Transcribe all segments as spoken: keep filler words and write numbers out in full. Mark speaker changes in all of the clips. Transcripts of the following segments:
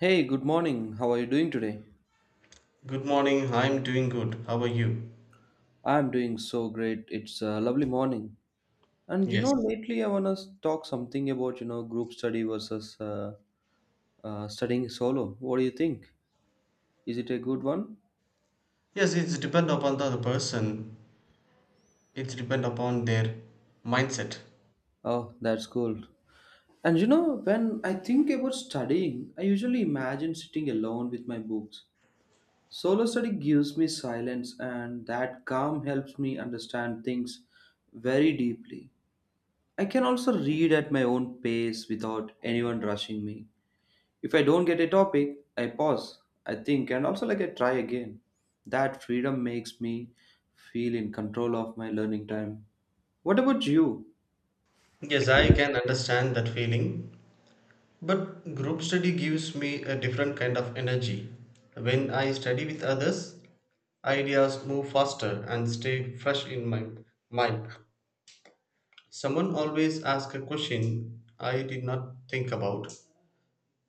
Speaker 1: Hey, good morning. How are you doing today?
Speaker 2: Good morning. I'm doing good. How are you?
Speaker 1: I'm doing so great. It's a lovely morning. And you know,
Speaker 2: Yes.
Speaker 1: lately I want to talk something about, you know, group study versus uh, uh, studying solo. What do you think? Is it a good one?
Speaker 2: Yes, it's depend upon the other person. It's depend upon their mindset.
Speaker 1: Oh, that's cool. And you know, when I think about studying, I usually imagine sitting alone with my books. Solo study gives me silence, and that calm helps me understand things very deeply. I can also read at my own pace without anyone rushing me. If I don't get a topic, I pause, I think, and also like I try again. That freedom makes me feel in control of my learning time. What about you?
Speaker 2: Yes, I can understand that feeling. But group study gives me a different kind of energy. When I study with others, ideas move faster and stay fresh in my mind. Someone always asks a question I did not think about.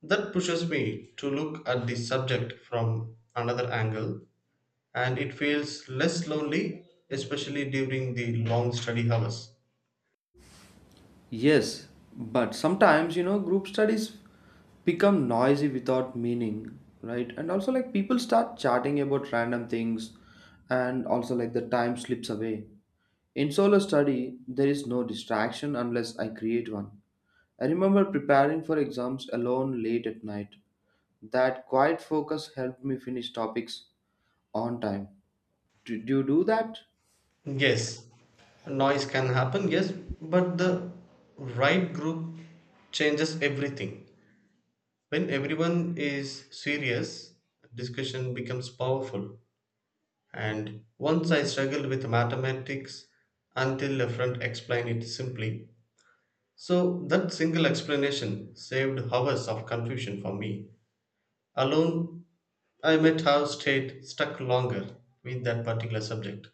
Speaker 2: That pushes me to look at the subject from another angle. And it feels less lonely, especially during the long study hours.
Speaker 1: Yes, but sometimes you know group studies become noisy without meaning, right? And also like people start chatting about random things, and also like the time slips away. In solo study, there is no distraction unless I create one. I remember preparing for exams alone late at night. That quiet focus helped me finish topics on time. Do, do you do that?
Speaker 2: Yes, noise can happen, yes, but the right group changes everything. When everyone is serious, discussion becomes powerful. And once I struggled with mathematics until a friend explained it simply. So that single explanation saved hours of confusion for me. Alone, I might have stayed stuck longer with that particular subject.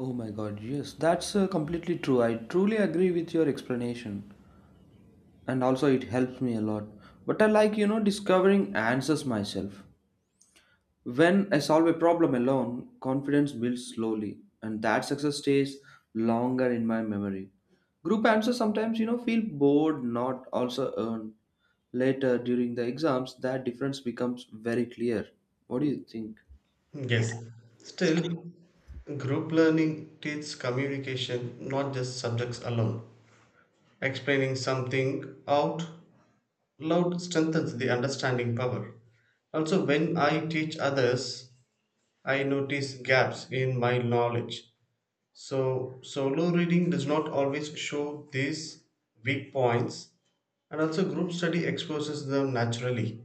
Speaker 1: Oh my god, yes, that's uh, completely true. I truly agree with your explanation. And also, it helps me a lot. But I like, you know, discovering answers myself. When I solve a problem alone, confidence builds slowly, and that success stays longer in my memory. Group answers sometimes, you know, feel bored, not also earned. Later, during the exams, that difference becomes very clear. What do you think?
Speaker 2: Yes, still, group learning teaches communication, not just subjects alone. Explaining something out loud strengthens the understanding power. Also, when I teach others, I notice gaps in my knowledge. So, solo reading does not always show these weak points, and also, group study exposes them naturally.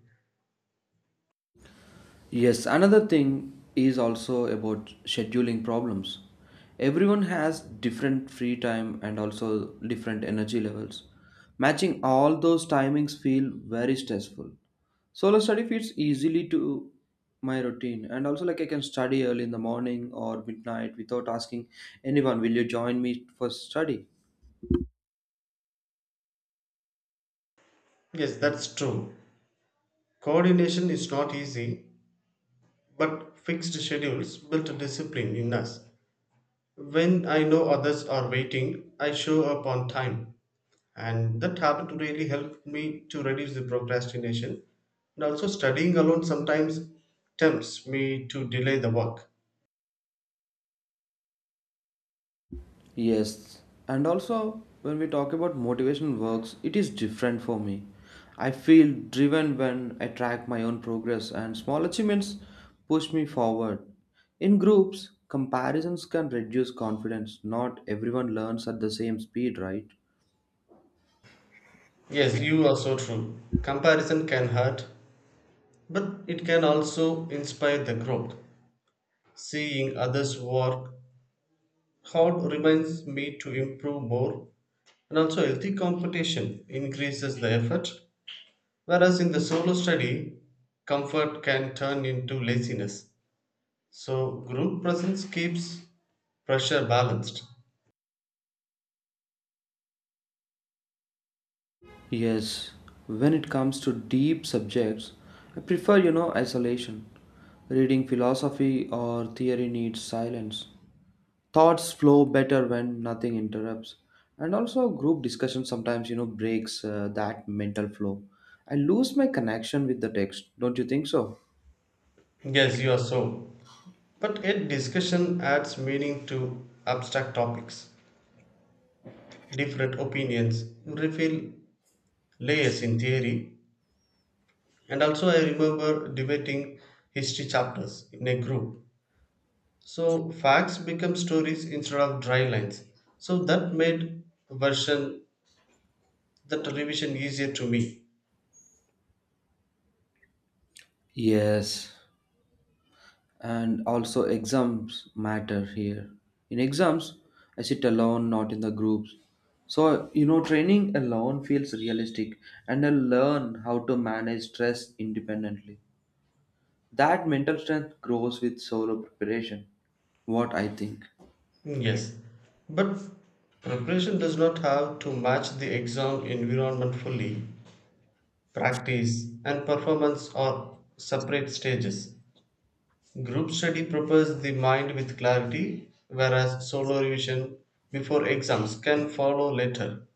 Speaker 1: Yes, another thing is also about scheduling problems. Everyone has different free time and also different energy levels. Matching all those timings feel very stressful. Solo study fits easily to my routine, and also like I can study early in the morning or midnight without asking anyone, will you join me for study?
Speaker 2: Yes, that's true. Coordination is not easy, but fixed schedules built discipline in us. When I know others are waiting, I show up on time. And that habit really helped me to reduce the procrastination. And also, studying alone sometimes tempts me to delay the work.
Speaker 1: Yes, and also when we talk about motivation works, it is different for me. I feel driven when I track my own progress, and small achievements push me forward. In groups, comparisons can reduce confidence. Not everyone learns at the same speed, right?
Speaker 2: Yes, you are so true. Comparison can hurt, but it can also inspire the growth. Seeing others work hard reminds me to improve more. And also, healthy competition increases the effort, whereas in the solo study, comfort can turn into laziness. So, group presence keeps pressure balanced.
Speaker 1: Yes, when it comes to deep subjects, I prefer, you know, isolation. Reading philosophy or theory needs silence. Thoughts flow better when nothing interrupts, and also group discussion sometimes you know breaks uh, that mental flow. I lose my connection with the text, don't you think so?
Speaker 2: Yes, you are so. But yet, discussion adds meaning to abstract topics. Different opinions reveal layers in theory. And also, I remember debating history chapters in a group. So facts become stories instead of dry lines. So that made version that revision easier to me.
Speaker 1: Yes, and also exams matter here. In exams, I sit alone, not in the groups. So you know training alone feels realistic, and I learn how to manage stress independently. That mental strength grows with solo preparation. What I think?
Speaker 2: Mm, yes. But preparation does not have to match the exam environment fully. Practice and performance are separate stages. Group study prepares the mind with clarity, whereas solo revision before exams can follow later.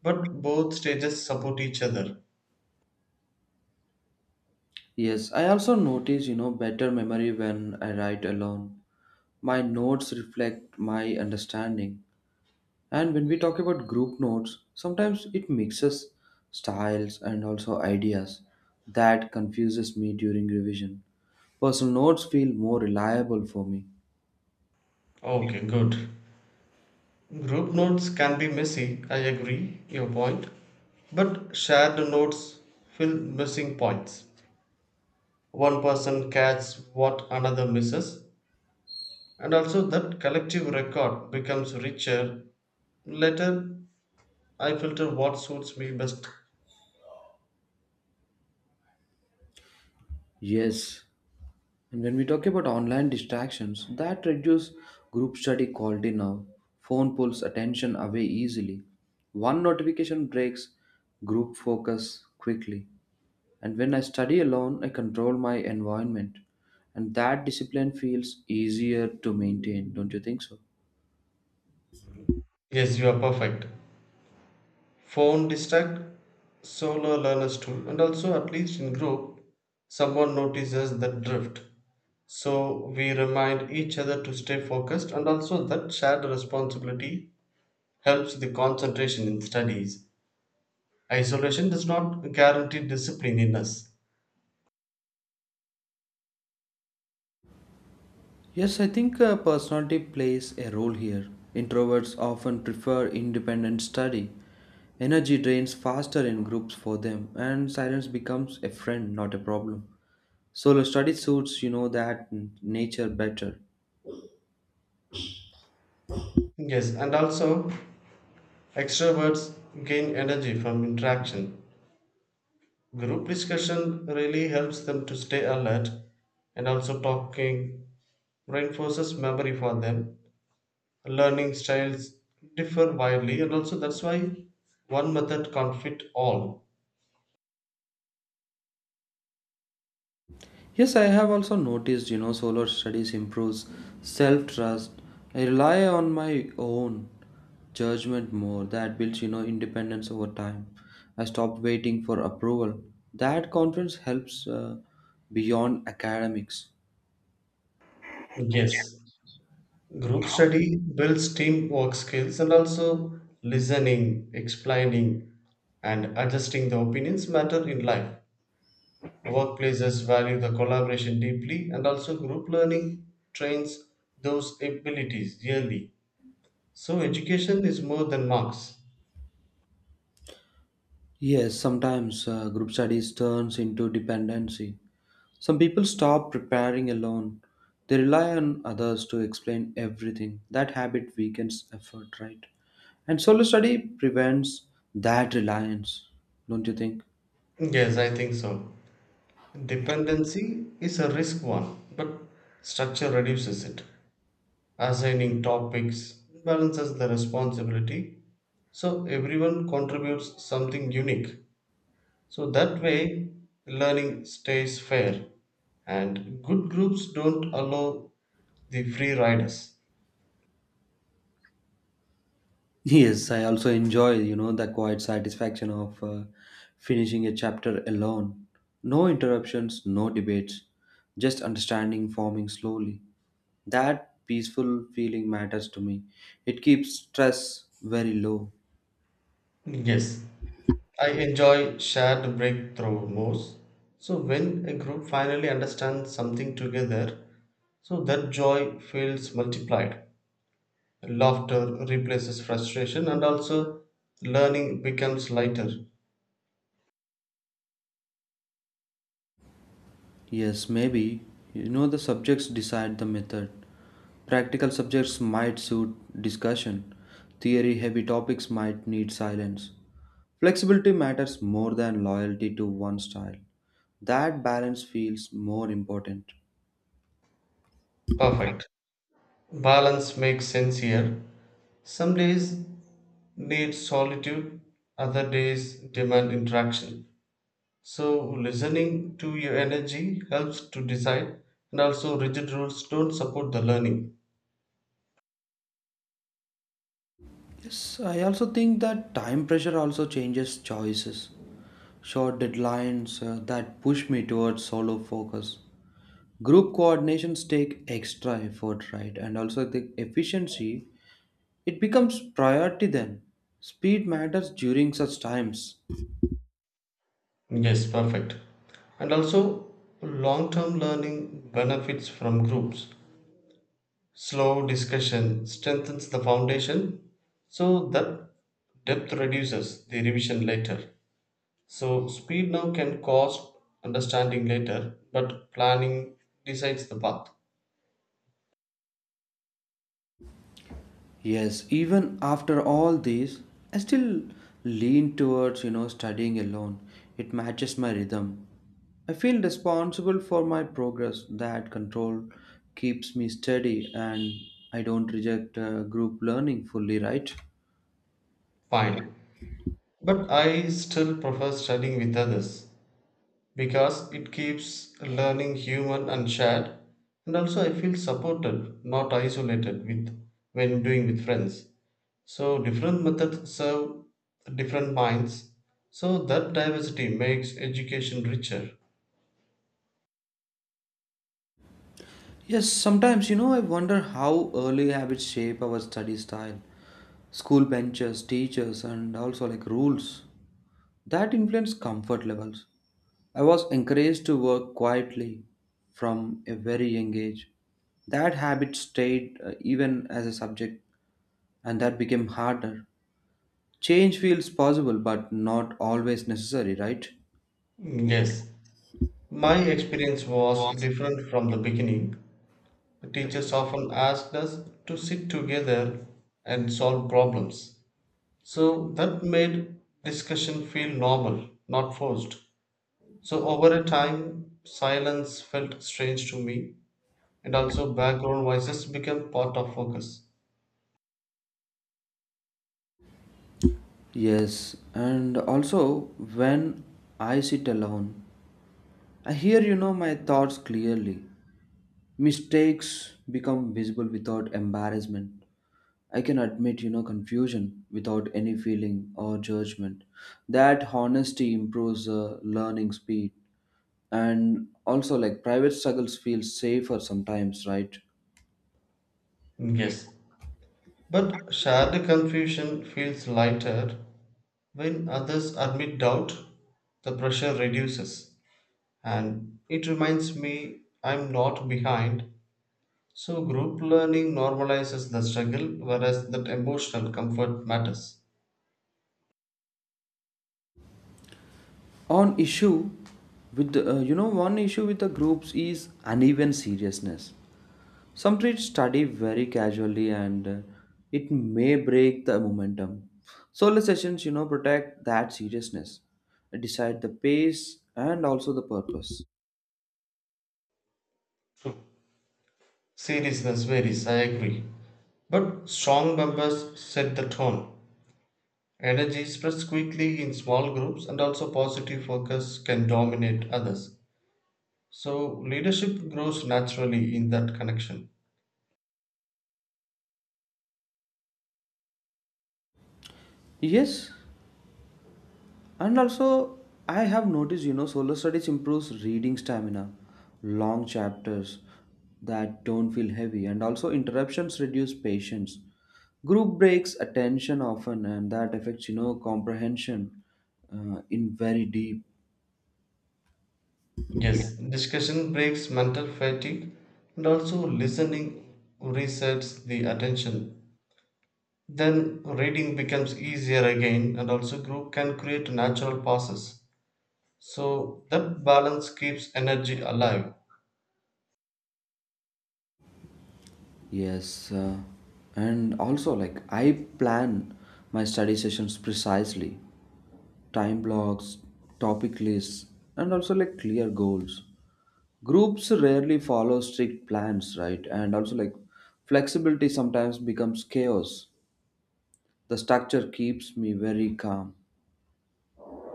Speaker 2: But both stages support each other.
Speaker 1: Yes, I also notice, you know, better memory when I write alone. My notes reflect my understanding. And when we talk about group notes, sometimes it mixes styles and also ideas. That confuses me during revision. Personal notes feel more reliable for me.
Speaker 2: Okay, good. Group notes can be messy, I agree your point. But shared notes fill missing points. One person catches what another misses, and also that collective record becomes richer. Later, I filter what suits me best.
Speaker 1: Yes, and when we talk about online distractions, that reduce group study quality now. Phone pulls attention away easily. One notification breaks group focus quickly. And when I study alone, I control my environment. And that discipline feels easier to maintain, don't you think so?
Speaker 2: Yes, you are perfect. Phone distract, solo learners too, and also at least in group, someone notices that drift. So we remind each other to stay focused and also that shared responsibility helps the concentration in studies. Isolation does not guarantee discipline in us.
Speaker 1: Yes, I think uh, personality plays a role here. Introverts often prefer independent study. Energy drains faster in groups for them, and silence becomes a friend, not a problem. Solo study suits, you know, that n- nature better.
Speaker 2: Yes, and also extroverts gain energy from interaction. Group discussion really helps them to stay alert and also talking reinforces memory for them. Learning styles differ widely and also that's why one method can't fit all.
Speaker 1: Yes, I have also noticed, you know, solo studies improves self-trust. I rely on my own judgment more. That builds, you know, independence over time. I stopped waiting for approval. That confidence helps uh, beyond academics.
Speaker 2: Yes. Group study builds teamwork skills and also listening, explaining, and adjusting the opinions matter in life. Workplaces value the collaboration deeply, and also group learning trains those abilities yearly. So, education is more than marks.
Speaker 1: Yes, sometimes uh, group studies turns into dependency. Some people stop preparing alone. They rely on others to explain everything. That habit weakens effort, right? And solo study prevents that reliance, don't you think?
Speaker 2: Yes, I think so. Dependency is a risk one, but structure reduces it. Assigning topics balances the responsibility so everyone contributes something unique, so that way learning stays fair, and good groups don't allow the free riders.
Speaker 1: Yes, I also enjoy, you know, the quiet satisfaction of uh, finishing a chapter alone. No interruptions, no debates, just understanding forming slowly. That peaceful feeling matters to me. It keeps stress very low.
Speaker 2: Yes, I enjoy shared breakthrough most. So when a group finally understands something together, so that joy feels multiplied. Laughter replaces frustration, and also learning becomes lighter.
Speaker 1: Yes, maybe. You know, the subjects decide the method. Practical subjects might suit discussion, theory heavy topics might need silence. Flexibility matters more than loyalty to one style. That balance feels more important.
Speaker 2: Perfect. Balance makes sense here. Some days need solitude, other days demand interaction. So, listening to your energy helps to decide, and also, rigid rules don't support the learning.
Speaker 1: Yes, I also think that time pressure also changes choices. Short deadlines uh, that push me towards solo focus. Group coordinations take extra effort, right? And also the efficiency, it becomes priority then. Speed matters during such times.
Speaker 2: Yes, perfect. And also, long term learning benefits from groups. Slow discussion strengthens the foundation, so that depth reduces the revision later. So, speed now can cost understanding later, but planning decides the path.
Speaker 1: Yes, even after all this, I still lean towards, you know, studying alone. It matches my rhythm. I feel responsible for my progress. That control keeps me steady, and I don't reject uh, group learning fully, right?
Speaker 2: Fine. But I still prefer studying with others because it keeps learning human and shared, and also I feel supported, not isolated with when doing with friends. So, different methods serve different minds. So, that diversity makes education richer.
Speaker 1: Yes, sometimes, you know, I wonder how early habits shape our study style. School benches, teachers, and also like rules. That influenced comfort levels. I was encouraged to work quietly from a very young age. That habit stayed uh, even as a subject, and that became harder. Change feels possible, but not always necessary, right?
Speaker 2: Mm, yes, my experience was different from the beginning. Teachers often asked us to sit together and solve problems. So that made discussion feel normal, not forced. So over a time, silence felt strange to me, and also background voices became part of focus.
Speaker 1: Yes, and also when I sit alone, I hear, you know, my thoughts clearly. Mistakes become visible without embarrassment. I can admit, you know, confusion without any feeling or judgment. That honesty improves uh, learning speed. And also, like, private struggles feel safer sometimes, right?
Speaker 2: Yes. But shared confusion feels lighter when others admit doubt, the pressure reduces, and it reminds me I'm not behind. So, group learning normalizes the struggle, whereas that emotional comfort matters.
Speaker 1: On issue with, the, uh, you know, one issue with the groups is uneven seriousness. Some trees study very casually, and uh, it may break the momentum. Solar sessions, you know, protect that seriousness, decide the pace and also the purpose.
Speaker 2: True. Seriousness varies, I agree. But strong members set the tone. Energy spreads quickly in small groups, and also positive focus can dominate others. So, leadership grows naturally in that connection.
Speaker 1: Yes, and also I have noticed, you know, solar studies improves reading stamina, long chapters that don't feel heavy, and also interruptions reduce patience. Group breaks attention often, and that affects, you know, comprehension uh, in very deep.
Speaker 2: Yes, discussion breaks mental fatigue, and also listening resets the attention, then reading becomes easier again, and also group can create natural pauses, so that balance keeps energy alive.
Speaker 1: Yes, uh, and also like I plan my study sessions precisely, time blocks, topic lists, and also like clear goals. Groups rarely follow strict plans, right? And also like flexibility sometimes becomes chaos. The structure keeps me very calm.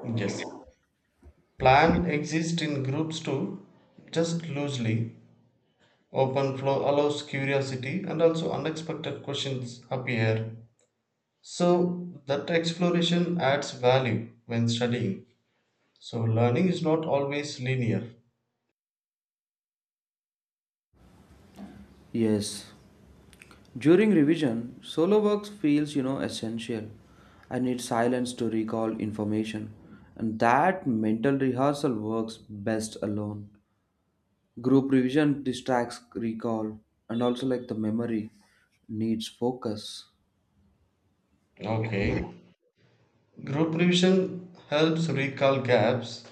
Speaker 2: Yes, plan exists in groups too, just loosely. Open flow allows curiosity and also unexpected questions appear, so that exploration adds value when studying. So learning is not always linear.
Speaker 1: Yes, during revision, solo works feels, you know, essential. I need silence to recall information, and that mental rehearsal works best alone. Group revision distracts recall, and also like the memory needs focus.
Speaker 2: Okay, group revision helps recall gaps.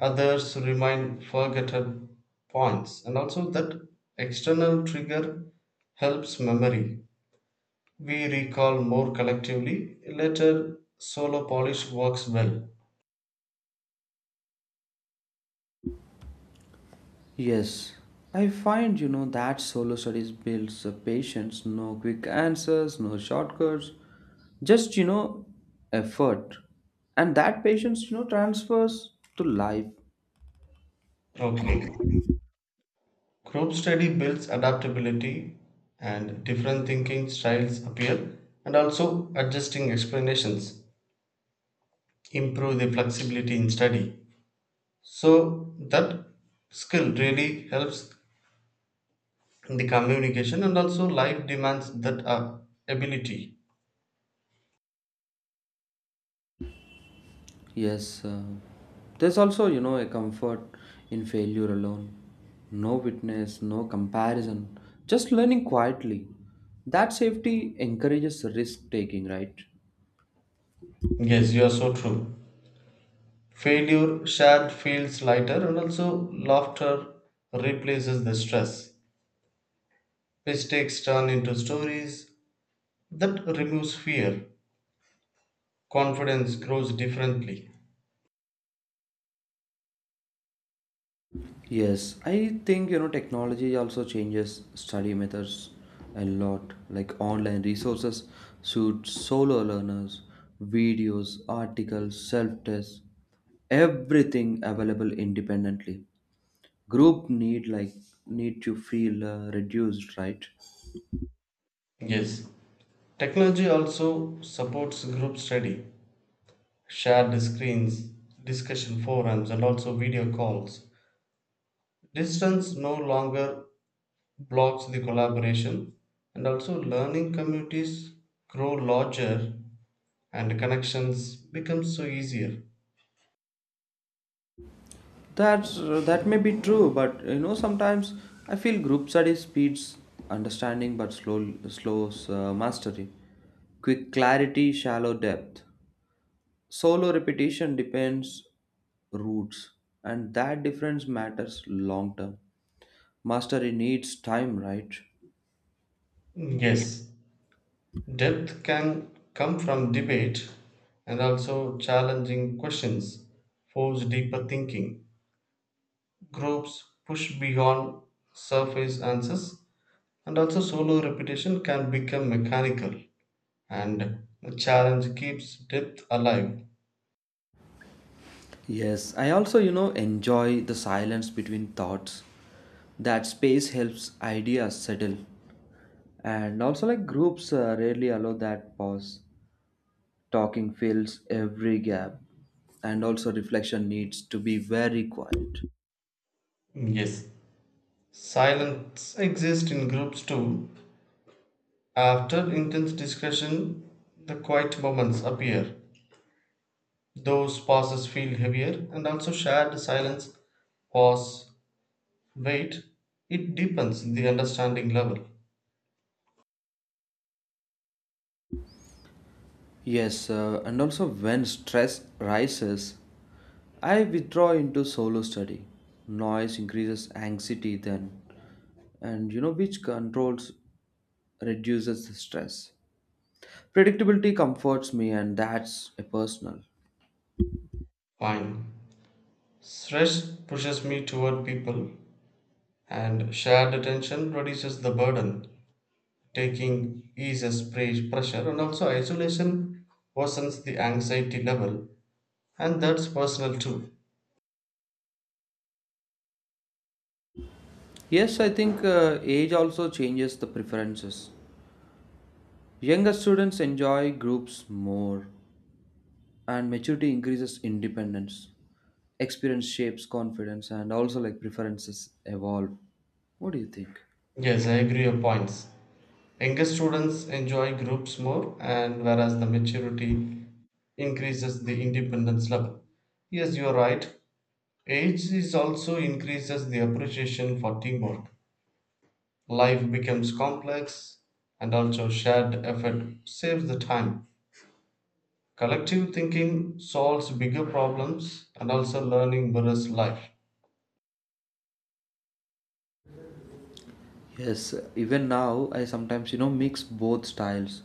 Speaker 2: Others remind forgotten points, and also that external trigger helps memory. We recall more collectively. Later, solo polish works well.
Speaker 1: Yes, I find, you know, that solo studies builds a patience, no quick answers, no shortcuts, just, you know, effort. And that patience, you know, transfers to life.
Speaker 2: Okay. Group study builds adaptability and different thinking styles appear, and also adjusting explanations improve the flexibility in study. So, that skill really helps the communication and also life demands that uh, ability.
Speaker 1: Yes, uh, there's also, you know, a comfort in failure alone. No witness, no comparison, just learning quietly. That safety encourages risk taking, right?
Speaker 2: Yes, you are so true. Failure shared feels lighter, and also laughter replaces the stress. Mistakes turn into stories, that removes fear, confidence grows differently.
Speaker 1: Yes, I think, you know, technology also changes study methods a lot, like online resources suit solo learners, videos, articles, self tests, everything available independently. Group need like need to feel uh, reduced, right?
Speaker 2: Yes, technology also supports group study. Shared screens, discussion forums, and also video calls. Distance no longer blocks the collaboration, and also learning communities grow larger, and connections become so easier.
Speaker 1: That's that may be true, but you know sometimes I feel group study speeds understanding but slow slows uh, mastery. Quick clarity, shallow depth. Solo repetition depends roots, and that difference matters long term. Mastery needs time, right?
Speaker 2: Yes, depth can come from debate, and also challenging questions force deeper thinking. Groups push beyond surface answers, and also solo repetition can become mechanical, and the challenge keeps depth alive.
Speaker 1: Yes, I also, you know, enjoy the silence between thoughts. That space helps ideas settle. And also, like groups uh, rarely allow that pause. Talking fills every gap. And also, reflection needs to be very quiet.
Speaker 2: Yes, silence exists in groups too. After intense discussion, the quiet moments appear. Those pauses feel heavier, and also shared silence, pause, wait. It deepens the understanding level.
Speaker 1: Yes, uh, and also, when stress rises, I withdraw into solo study. Noise increases anxiety then, and you know, which controls reduces the stress. Predictability comforts me, and that's a personal.
Speaker 2: Fine. Stress pushes me toward people, and shared attention reduces the burden. Taking eases pre- pressure, and also isolation worsens the anxiety level, and that's personal too.
Speaker 1: Yes, I think uh, age also changes the preferences. Younger students enjoy groups more, and maturity increases independence. Experience shapes confidence, and also like preferences evolve. What do you think?
Speaker 2: Yes, I agree your points. Younger students enjoy groups more, and whereas the maturity increases the independence level. Yes, you are right. Age is also increases the appreciation for teamwork. Life becomes complex, and also shared effort saves the time. Collective thinking solves bigger problems, and also learning mirrors life.
Speaker 1: Yes, even now I sometimes, you know, mix both styles.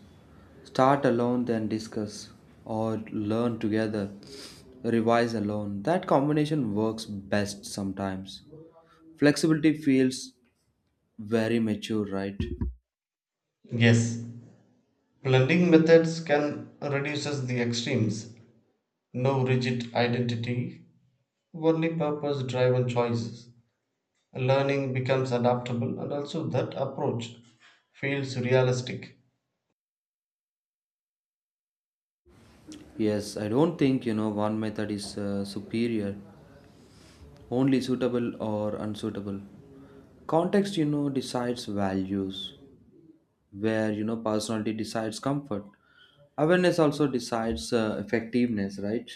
Speaker 1: Start alone, then discuss, or learn together, revise alone. That combination works best sometimes. Flexibility feels very mature, right?
Speaker 2: Yes, blending methods can reduces the extremes. No rigid identity, only purpose-driven choices. Learning becomes adaptable, and also that approach feels realistic.
Speaker 1: Yes, I don't think, you know, one method is uh, superior, only suitable or unsuitable. Context, you know, decides values. Where you know personality decides comfort, awareness also decides uh, effectiveness, right?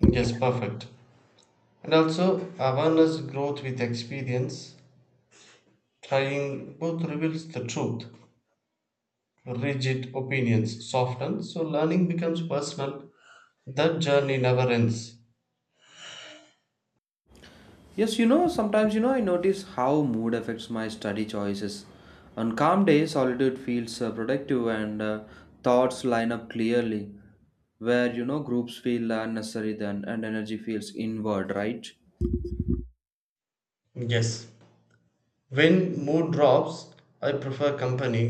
Speaker 2: Yes, perfect. And also awareness growth with experience, trying both reveals the truth. Rigid opinions soften, so learning becomes personal. That journey never ends.
Speaker 1: Yes, you know sometimes you know I notice how mood affects my study choices. On calm days, solitude feels uh, productive, and uh, thoughts line up clearly. Where you know groups feel unnecessary then, and energy feels inward, right?
Speaker 2: Yes, when mood drops, I prefer company.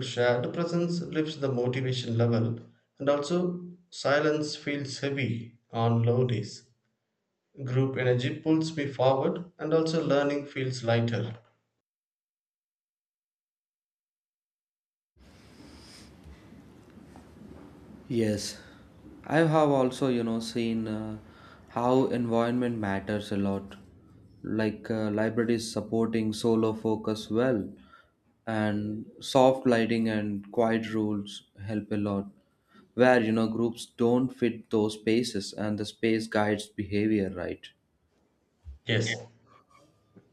Speaker 2: Shared presence lifts the motivation level, and also silence feels heavy on low days. Group energy pulls me forward and also learning feels lighter.
Speaker 1: Yes, I have also, you know, seen uh, how environment matters a lot. Like uh, libraries supporting solar focus well, and soft lighting and quiet rules help a lot. Where you know groups don't fit those spaces, and the space guides behavior, right?
Speaker 2: Yes,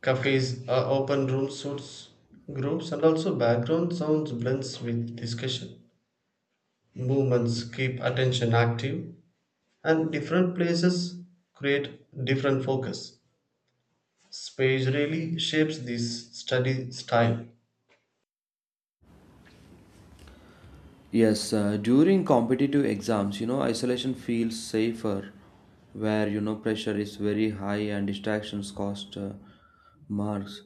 Speaker 2: cafes are open room suits groups, and also background sounds blends with discussion. Movements keep attention active, and different places create different focus. Space really shapes this study style.
Speaker 1: Yes, uh, during competitive exams, you know, isolation feels safer, where, you know, pressure is very high and distractions cost uh, marks.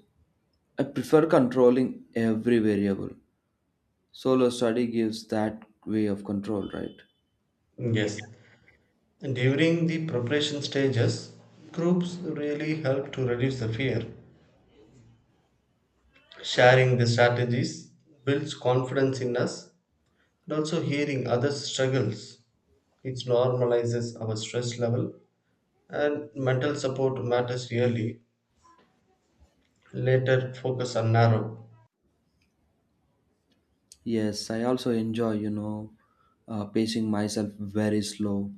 Speaker 1: I prefer controlling every variable. Solo study gives that way of control, right?
Speaker 2: Yes. And during the preparation stages, groups really help to reduce the fear. Sharing the strategies builds confidence in us. And also, hearing others' struggles, it normalizes our stress level, and mental support matters really. Later, focus on narrow.
Speaker 1: Yes, I also enjoy, you know, uh, pacing myself very slow.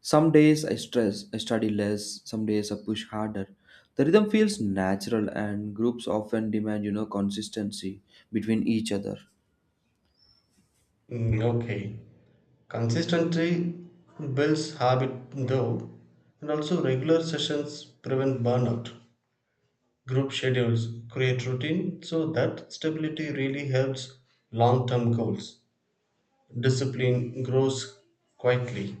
Speaker 1: Some days I stress, I study less, some days I push harder. The rhythm feels natural, and groups often demand, you know, consistency between each other.
Speaker 2: Mm, okay. Consistency builds habit, though, and also regular sessions prevent burnout. Group schedules create routine, so that stability really helps long term goals. Discipline grows quietly.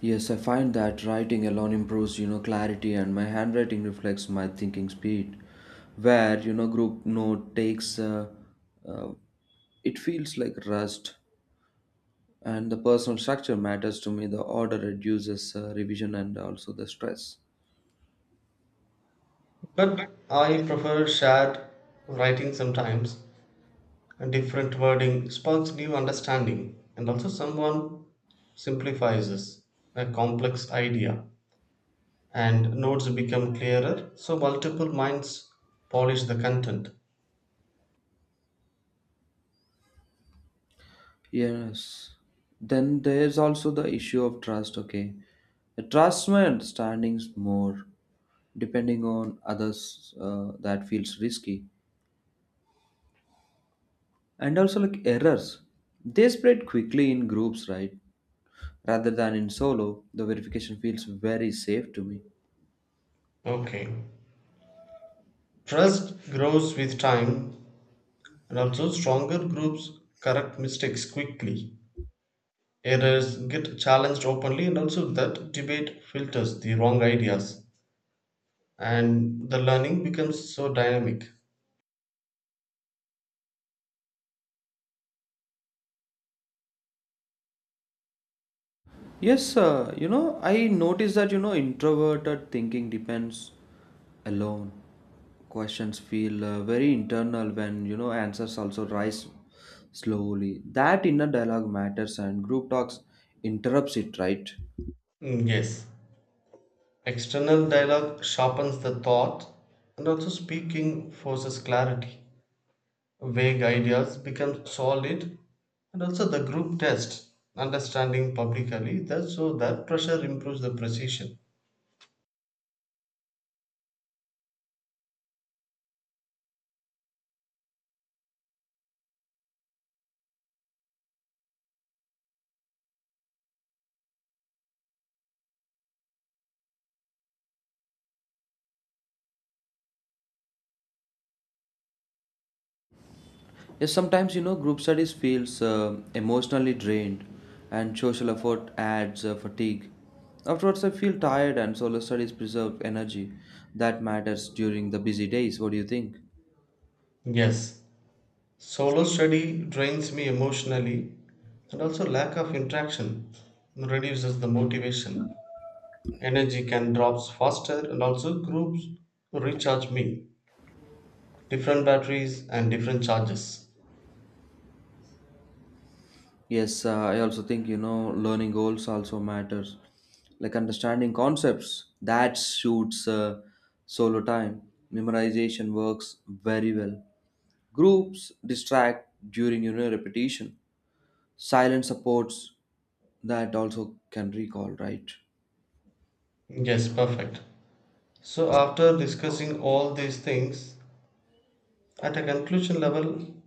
Speaker 1: Yes, I find that writing alone improves, you know, clarity, and my handwriting reflects my thinking speed. Where, you know, group note takes, uh, uh, it feels like rust, and the personal structure matters to me. The order reduces uh, revision and also the stress.
Speaker 2: But I prefer shared writing sometimes. And different wording sparks new understanding, and also someone simplifies a complex idea, and notes become clearer, so multiple minds polish the content.
Speaker 1: Yes. Then there's also the issue of trust, okay? I trust my understandings more, depending on others, uh, that feels risky, and also like errors, they spread quickly in groups, right? Rather than in solo, the verification feels very safe to me.
Speaker 2: Okay, trust grows with time, and also stronger groups correct mistakes quickly. Errors get challenged openly, and also that debate filters the wrong ideas, and the learning becomes so dynamic.
Speaker 1: Yes, uh, you know I noticed that you know introverted thinking depends alone. Questions feel uh, very internal, when you know answers also rise slowly. That inner dialogue matters, and group talks interrupts it, right?
Speaker 2: Mm, yes. External dialogue sharpens the thought, and also speaking forces clarity. Vague ideas become solid, and also the group test understanding publicly, that so that pressure improves the precision.
Speaker 1: Yes, sometimes you know group studies feels uh, emotionally drained, and social effort adds uh, fatigue. Afterwards, I feel tired, and solo studies preserve energy that matters during the busy days. What do you think?
Speaker 2: Yes, solo study drains me emotionally, and also lack of interaction reduces the motivation. Energy can drops faster, and also groups recharge me. Different batteries and different charges.
Speaker 1: Yes, uh, I also think you know learning goals also matters, like understanding concepts that suits uh, solo time. Memorization works very well. Groups distract during you know repetition, silent supports that also can recall, right?
Speaker 2: Yes, perfect. So, after discussing all these things, at a conclusion level,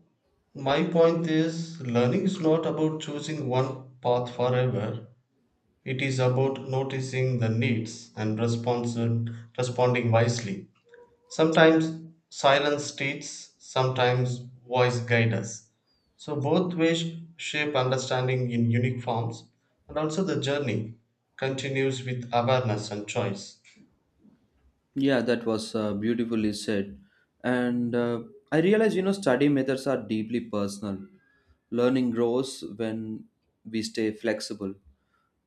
Speaker 2: my point is learning is not about choosing one path forever. It is about noticing the needs and responsi- responding wisely. Sometimes silence teaches, sometimes voice guides us. So, both ways shape understanding in unique forms, and also the journey continues with awareness and choice.
Speaker 1: Yeah, that was uh, beautifully said, and uh, I realize, you know study methods are deeply personal. Learning grows when we stay flexible,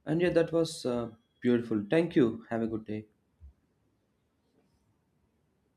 Speaker 1: and yeah, that was uh, beautiful. Thank you, have a good day.